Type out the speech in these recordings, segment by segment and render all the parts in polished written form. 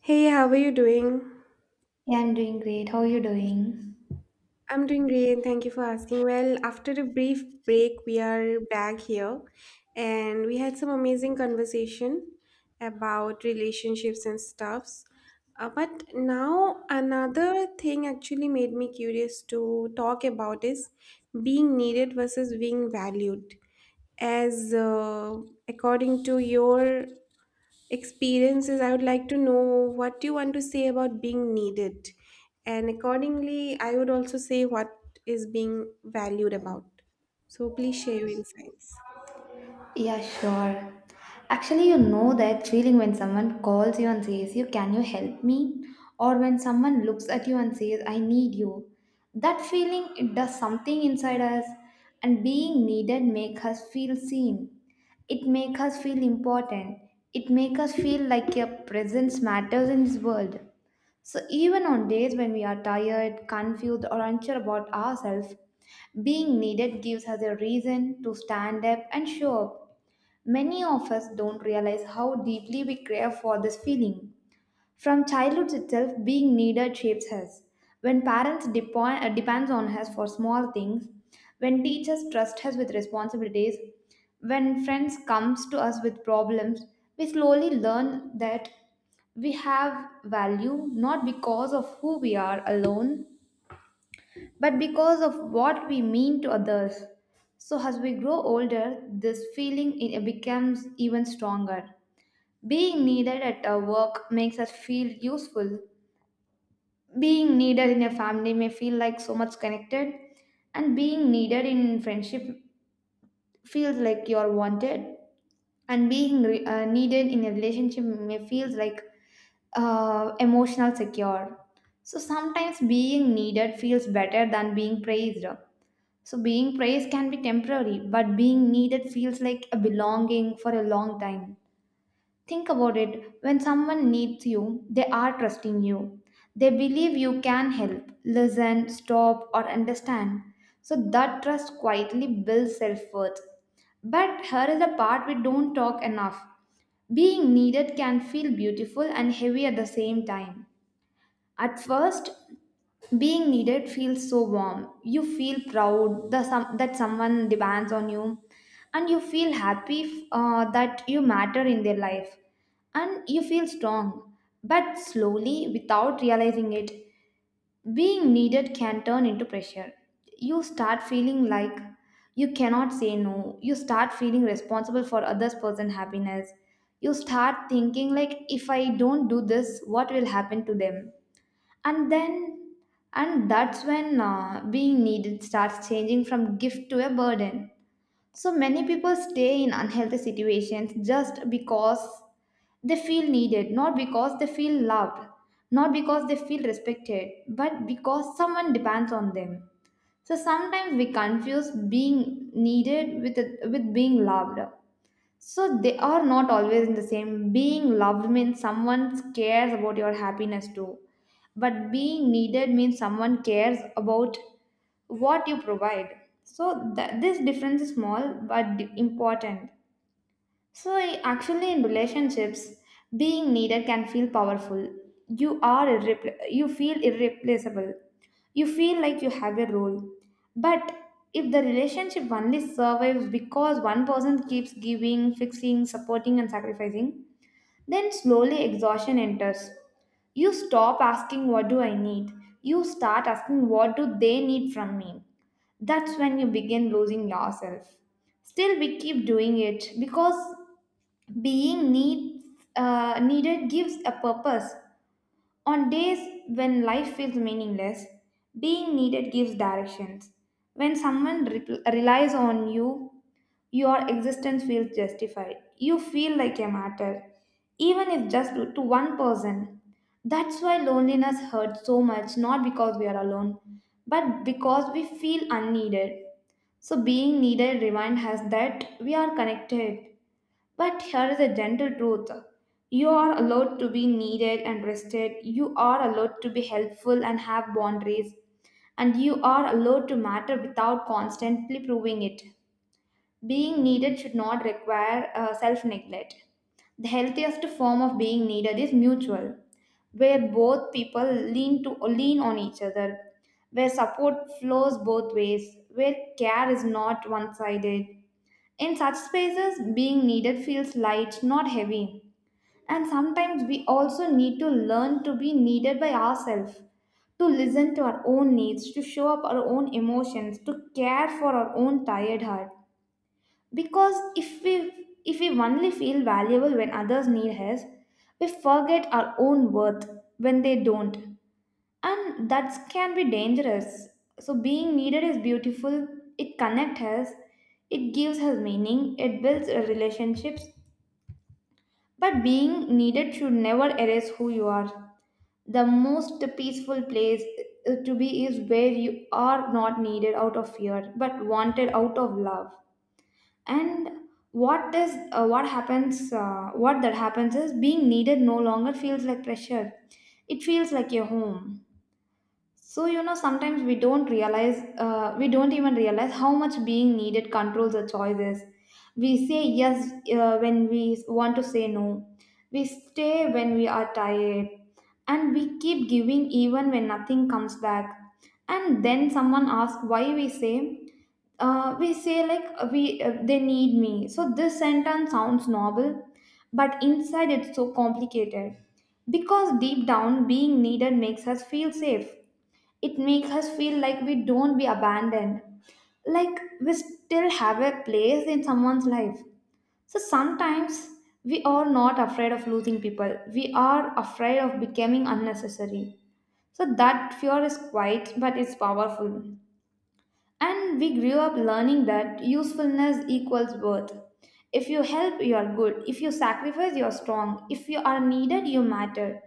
Hey, how are you doing? Yeah, I'm doing great. How are you doing? I'm doing great. Thank you for asking. Well, after a brief break, we are back here and we had some amazing conversation about relationships and stuffs. But now another thing actually made me curious to talk about is being needed versus being valued. As According to your experiences, I would like to know what you want to say about being needed. And accordingly, I would also say what is being valued about. So please share your insights. Yeah, sure. Actually, you know that feeling when someone calls you and says, "You can you help me?" Or when someone looks at you and says, "I need you." That feeling, it does something inside us, and being needed make us feel seen. It make us feel important. It make us feel like your presence matters in this world. So, even on days when we are tired, confused, or unsure about ourselves, being needed gives us a reason to stand up and show up. Many of us don't realize how deeply we crave for this feeling. From childhood itself, being needed shapes us. When parents depends on us for small things, when teachers trust us with responsibilities, when friends comes to us with problems, we slowly learn that we have value not because of who we are alone, but because of what we mean to others. So as we grow older, this feeling, it becomes even stronger. Being needed at our work makes us feel useful, being needed in a family may feel like so much connected, and being needed in friendship feels like you're wanted, and being needed in a relationship may feels like emotional secure. So sometimes being needed feels better than being praised. So being praised can be temporary, but being needed feels like a belonging for a long time. Think about it, when someone needs you, they are trusting you. They believe you can help, listen, stop, or understand. So that trust quietly builds self worth. But here is the part we don't talk enough. Being needed can feel beautiful and heavy at the same time. At first, being needed feels so warm. You feel proud that someone depends on you, and you feel happy that you matter in their life, and you feel strong. But slowly, without realizing it, being needed can turn into pressure. You start feeling like you cannot say no. You start feeling responsible for others' person happiness. You start thinking like, if I don't do this, what will happen to them? and then and that's when being needed starts changing from gift to a burden. So many people stay in unhealthy situations just because they feel needed, not because they feel loved, not because they feel respected, but because someone depends on them. So sometimes we confuse being needed with being loved. So they are not always in the same. Being loved means someone cares about your happiness too. But being needed means someone cares about what you provide. So this difference is small but important. So, actually, in relationships, being needed can feel powerful. You are you feel irreplaceable. You feel like you have a role. But if the relationship only survives because one person keeps giving, fixing, supporting, and sacrificing, then slowly exhaustion enters. You stop asking, what do I need? You start asking, what do they need from me? That's when you begin losing yourself. Still, we keep doing it because being needs, needed gives a purpose. On days when life feels meaningless, being needed gives directions. When someone relies on you, your existence feels justified. You feel like a matter, even if just to one person. That's why loneliness hurts so much, not because we are alone, but because we feel unneeded. So, being needed reminds us that we are connected, but here is a gentle truth. You are allowed to be needed and rested. You are allowed to be helpful and have boundaries. And you are allowed to matter without constantly proving it. Being needed should not require self neglect. The healthiest form of being needed is mutual, where both people lean on each other, where support flows both ways, where care is not one sided. In such spaces, being needed feels light, not heavy. And sometimes we also need to learn to be needed by ourselves, to listen to our own needs, to show up our own emotions, to care for our own tired heart. Because if we only feel valuable when others need us, we forget our own worth when they don't, and that can be dangerous. So being needed is beautiful, it connects us, it gives us meaning, it builds relationships. But being needed should never erase who you are. The most peaceful place to be is where you are not needed out of fear, but wanted out of love. And what that happens is, being needed no longer feels like pressure, it feels like your home. So, you know, sometimes we don't realize, we don't even realize how much being needed controls the choices. We say yes when we want to say no. We stay when we are tired. And we keep giving even when nothing comes back. And then someone asks why. We say, we say like we they need me. So this sentence sounds noble, but inside it's so complicated, because deep down being needed makes us feel safe. It makes us feel like we don't be abandoned, like we still have a place in someone's life. So sometimes we are not afraid of losing people, we are afraid of becoming unnecessary. So that fear is quiet, but it's powerful. And we grew up learning that usefulness equals worth. If you help, you are good. If you sacrifice, you are strong. If you are needed, you matter.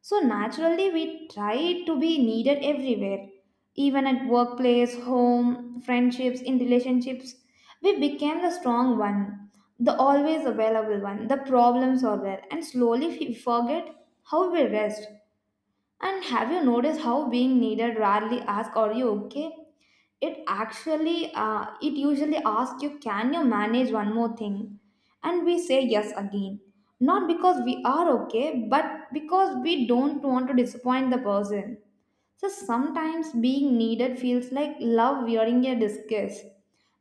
So naturally, we try to be needed everywhere, even at workplace, home, friendships, in relationships. We became the strong one, the always available one, the problem solver, and slowly we forget how we rest. And have you noticed how being needed rarely asks, are you okay? It actually it usually asks, you can you manage one more thing? And we say yes again, not because we are okay, but because we don't want to disappoint the person. So sometimes being needed feels like love wearing a disguise.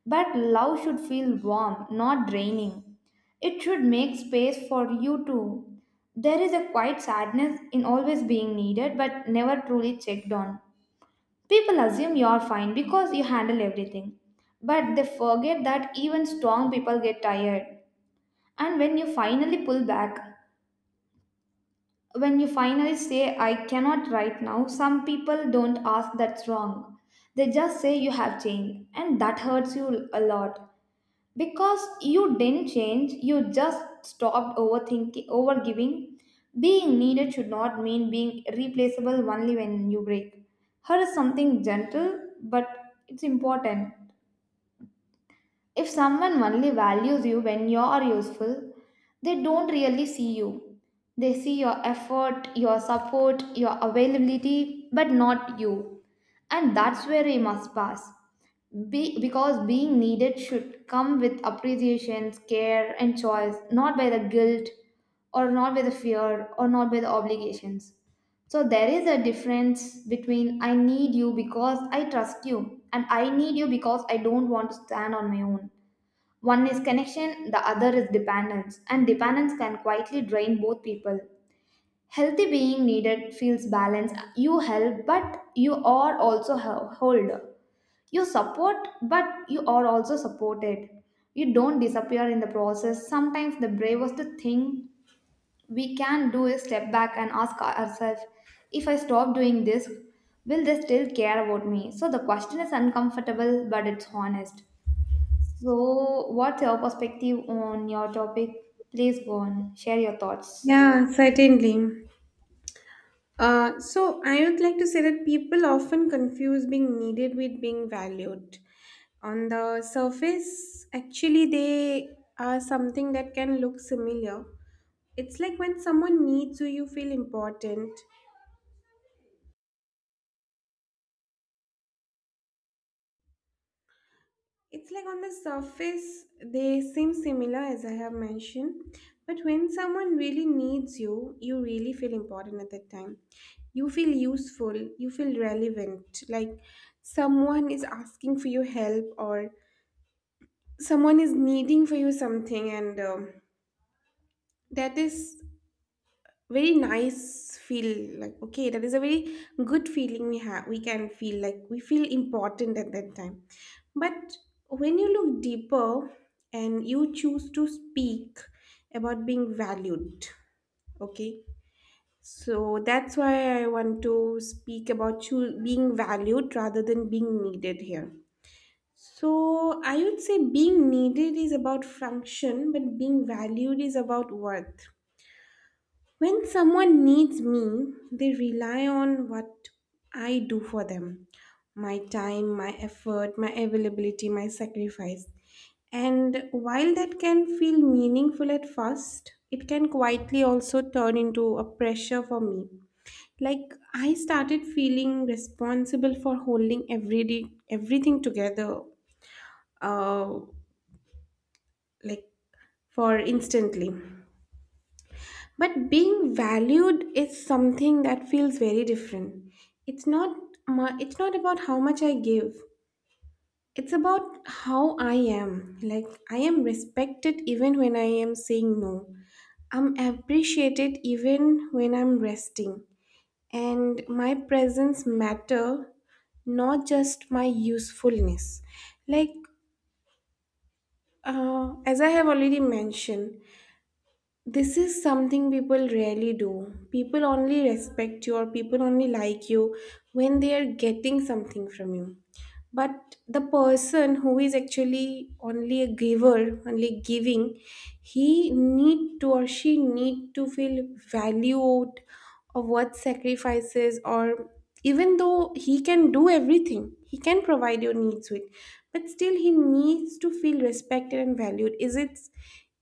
But love should feel warm, not draining. It should make space for you too. There is a quiet sadness in always being needed but never truly checked on. People assume you're fine because you handle everything, but they forget that even strong people get tired. And when you finally pull back, when you finally say, I cannot right now, some people don't ask that's wrong. They just say you have changed, and that hurts you a lot. Because you didn't change, you just stopped overthinking, overgiving. Being needed should not mean being replaceable only when you break. Her is something gentle, but it's important. If someone only values you when you are useful, they don't really see you. They see your effort, your support, your availability, but not you. And that's where we must pass. Because being needed should come with appreciation, care, and choice, not by the guilt, or not by the fear, or not by the obligations. So there is a difference between, I need you because I trust you, and I need you because I don't want to stand on my own. One is connection, the other is dependence, and dependence can quietly drain both people. Healthy being needed feels balanced. You help, but you are also hold. You support, but you are also supported. You don't disappear in the process. Sometimes the bravest thing we can do is step back and ask ourselves, if I stop doing this, will they still care about me? So the question is uncomfortable, but it's honest. So, what's your perspective on your topic? Please go on, share your thoughts. Yeah, certainly. So I would like to say that people often confuse being needed with being valued. On the surface, actually, they are something that can look similar. It's like when someone needs you, you feel important. It's like on the surface, they seem similar as I have mentioned, but when someone really needs you, you really feel important at that time. You feel useful, you feel relevant, like someone is asking for your help or someone is needing for you something, and that is very nice feel like okay, that is a very good feeling we have, we can feel like we feel important at that time. But when you look deeper and you choose to speak about being valued, okay, so that's why I want to speak about being valued rather than being needed here. So I would say being needed is about function, but being valued is about worth. When someone needs me, they rely on what I do for them: my time, my effort, my availability, my sacrifice. And while that can feel meaningful at first, it can quietly also turn into a pressure for me. Like I started feeling responsible for holding everything together, uh, like, for instantly. But being valued is something that feels very different. It's not it's not about how much I give. It's about how I am. Like, I am respected even when I am saying no. I'm appreciated even when I'm resting. And my presence matter, not just my usefulness, like, as I have already mentioned. This is something people rarely do. People only respect you or people only like you when they are getting something from you. But the person who is actually only a giver, only giving, he need to or she need to feel valued of what sacrifices, or even though he can do everything, he can provide your needs with, but still he needs to feel respected and valued. Is it,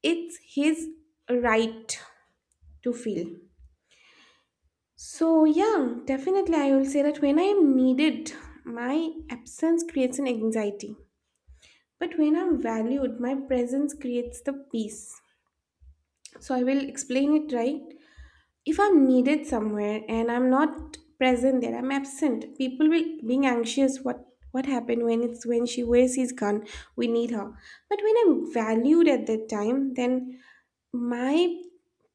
it's his right to feel. So yeah, definitely I will say that when I am needed, my absence creates an anxiety, but when I'm valued, my presence creates the peace. So I will explain it right. If I'm needed somewhere and I'm not present there, I'm absent. People will being anxious, what happened, when it's, when she wears his gun, we need her. But when I'm valued at that time, then my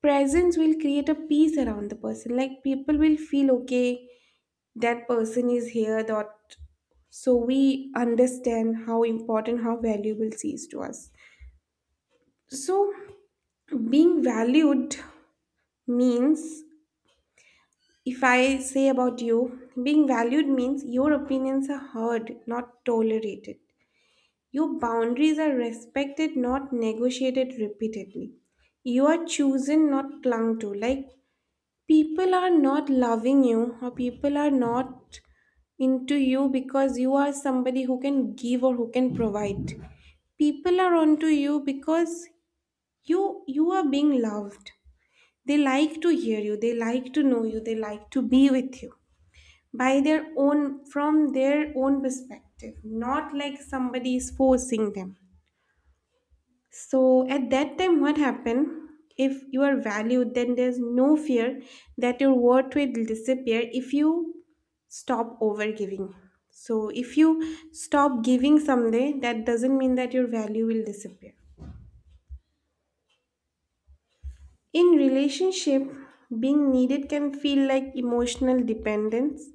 presence will create a peace around the person. Like people will feel okay, that person is here, that, so we understand how important, how valuable she is to us. So, being valued means, if I say about you, being valued means your opinions are heard, not tolerated. Your boundaries are respected, not negotiated repeatedly. You are chosen, not clung to. Like, people are not loving you, or people are not into you because you are somebody who can give or who can provide. People are onto you because you are being loved. They like to hear you, they like to know you, they like to be with you by their own, from their own perspective, not like somebody is forcing them. So at that time, what happened? If you are valued, then there's no fear that your worth will disappear if you stop overgiving. So if you stop giving someday, that doesn't mean that your value will disappear. In relationship, being needed can feel like emotional dependence,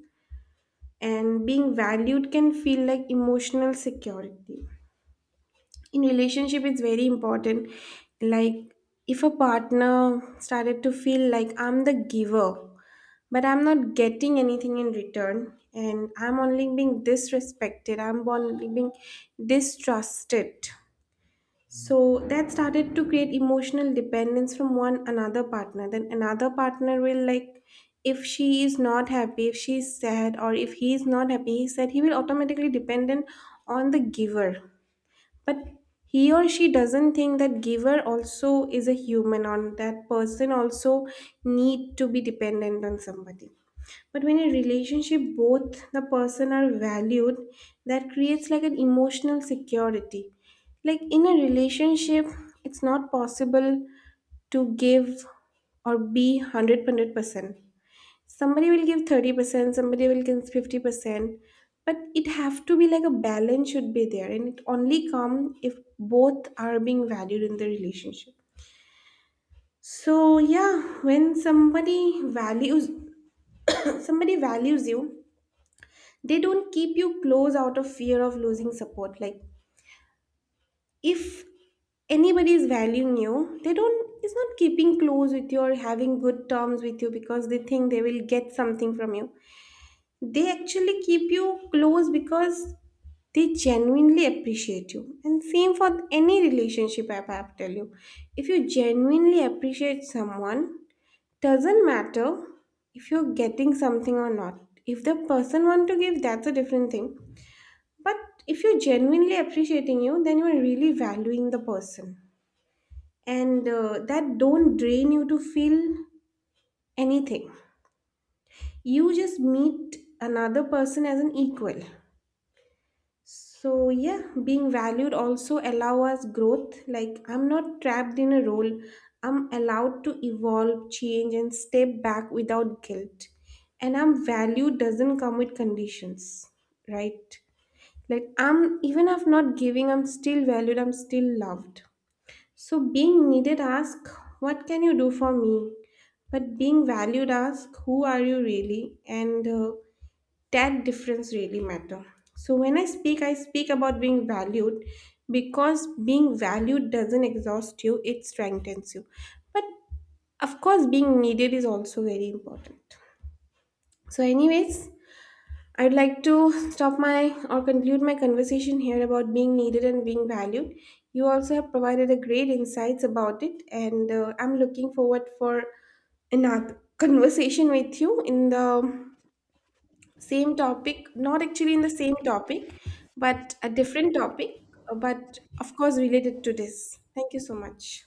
and being valued can feel like emotional security. In relationship it's very important. Like, if a partner started to feel like I'm the giver, but I'm not getting anything in return, and I'm only being disrespected, I'm only being distrusted, so that started to create emotional dependence from one another partner. Then another partner will, like, if she is not happy, if she's sad, or if he is not happy, he said he will automatically dependent on the giver. But he or she doesn't think that giver also is a human, on that person also need to be dependent on somebody. But when in relationship both the person are valued, that creates like an emotional security. Like in a relationship, it's not possible to give or be 100%. Somebody will give 30%, somebody will give 50%, but it have to be like a balance should be there, and it only come if both are being valued in the relationship. So yeah, when somebody values somebody values you, they don't keep you close out of fear of losing support. Like, if anybody is valuing you, they don't, it's not keeping close with you or having good terms with you because they think they will get something from you. They actually keep you close because they genuinely appreciate you. And same for any relationship, I have to tell you, if you genuinely appreciate someone, doesn't matter if you're getting something or not. If the person want to give, that's a different thing. But if you're genuinely appreciating you, then you're really valuing the person. And that don't drain you to feel anything. You just meet another person as an equal. So yeah, being valued also allow us growth. Like, I'm not trapped in a role. I'm allowed to evolve, change and step back without guilt. And I'm valued doesn't come with conditions, right? Like, I'm even if not giving, I'm still valued, I'm still loved. So being needed ask, what can you do for me? But being valued ask, who are you really? And that difference really matter. So when I speak about being valued because being valued doesn't exhaust you, it strengthens you. But of course, being needed is also very important. So anyways, I'd like to stop my or conclude my conversation here about being needed and being valued. You also have provided a great insights about it, and I'm looking forward for another conversation with you in the same topic, not actually in the same topic, but a different topic, but of course related to this. Thank you so much.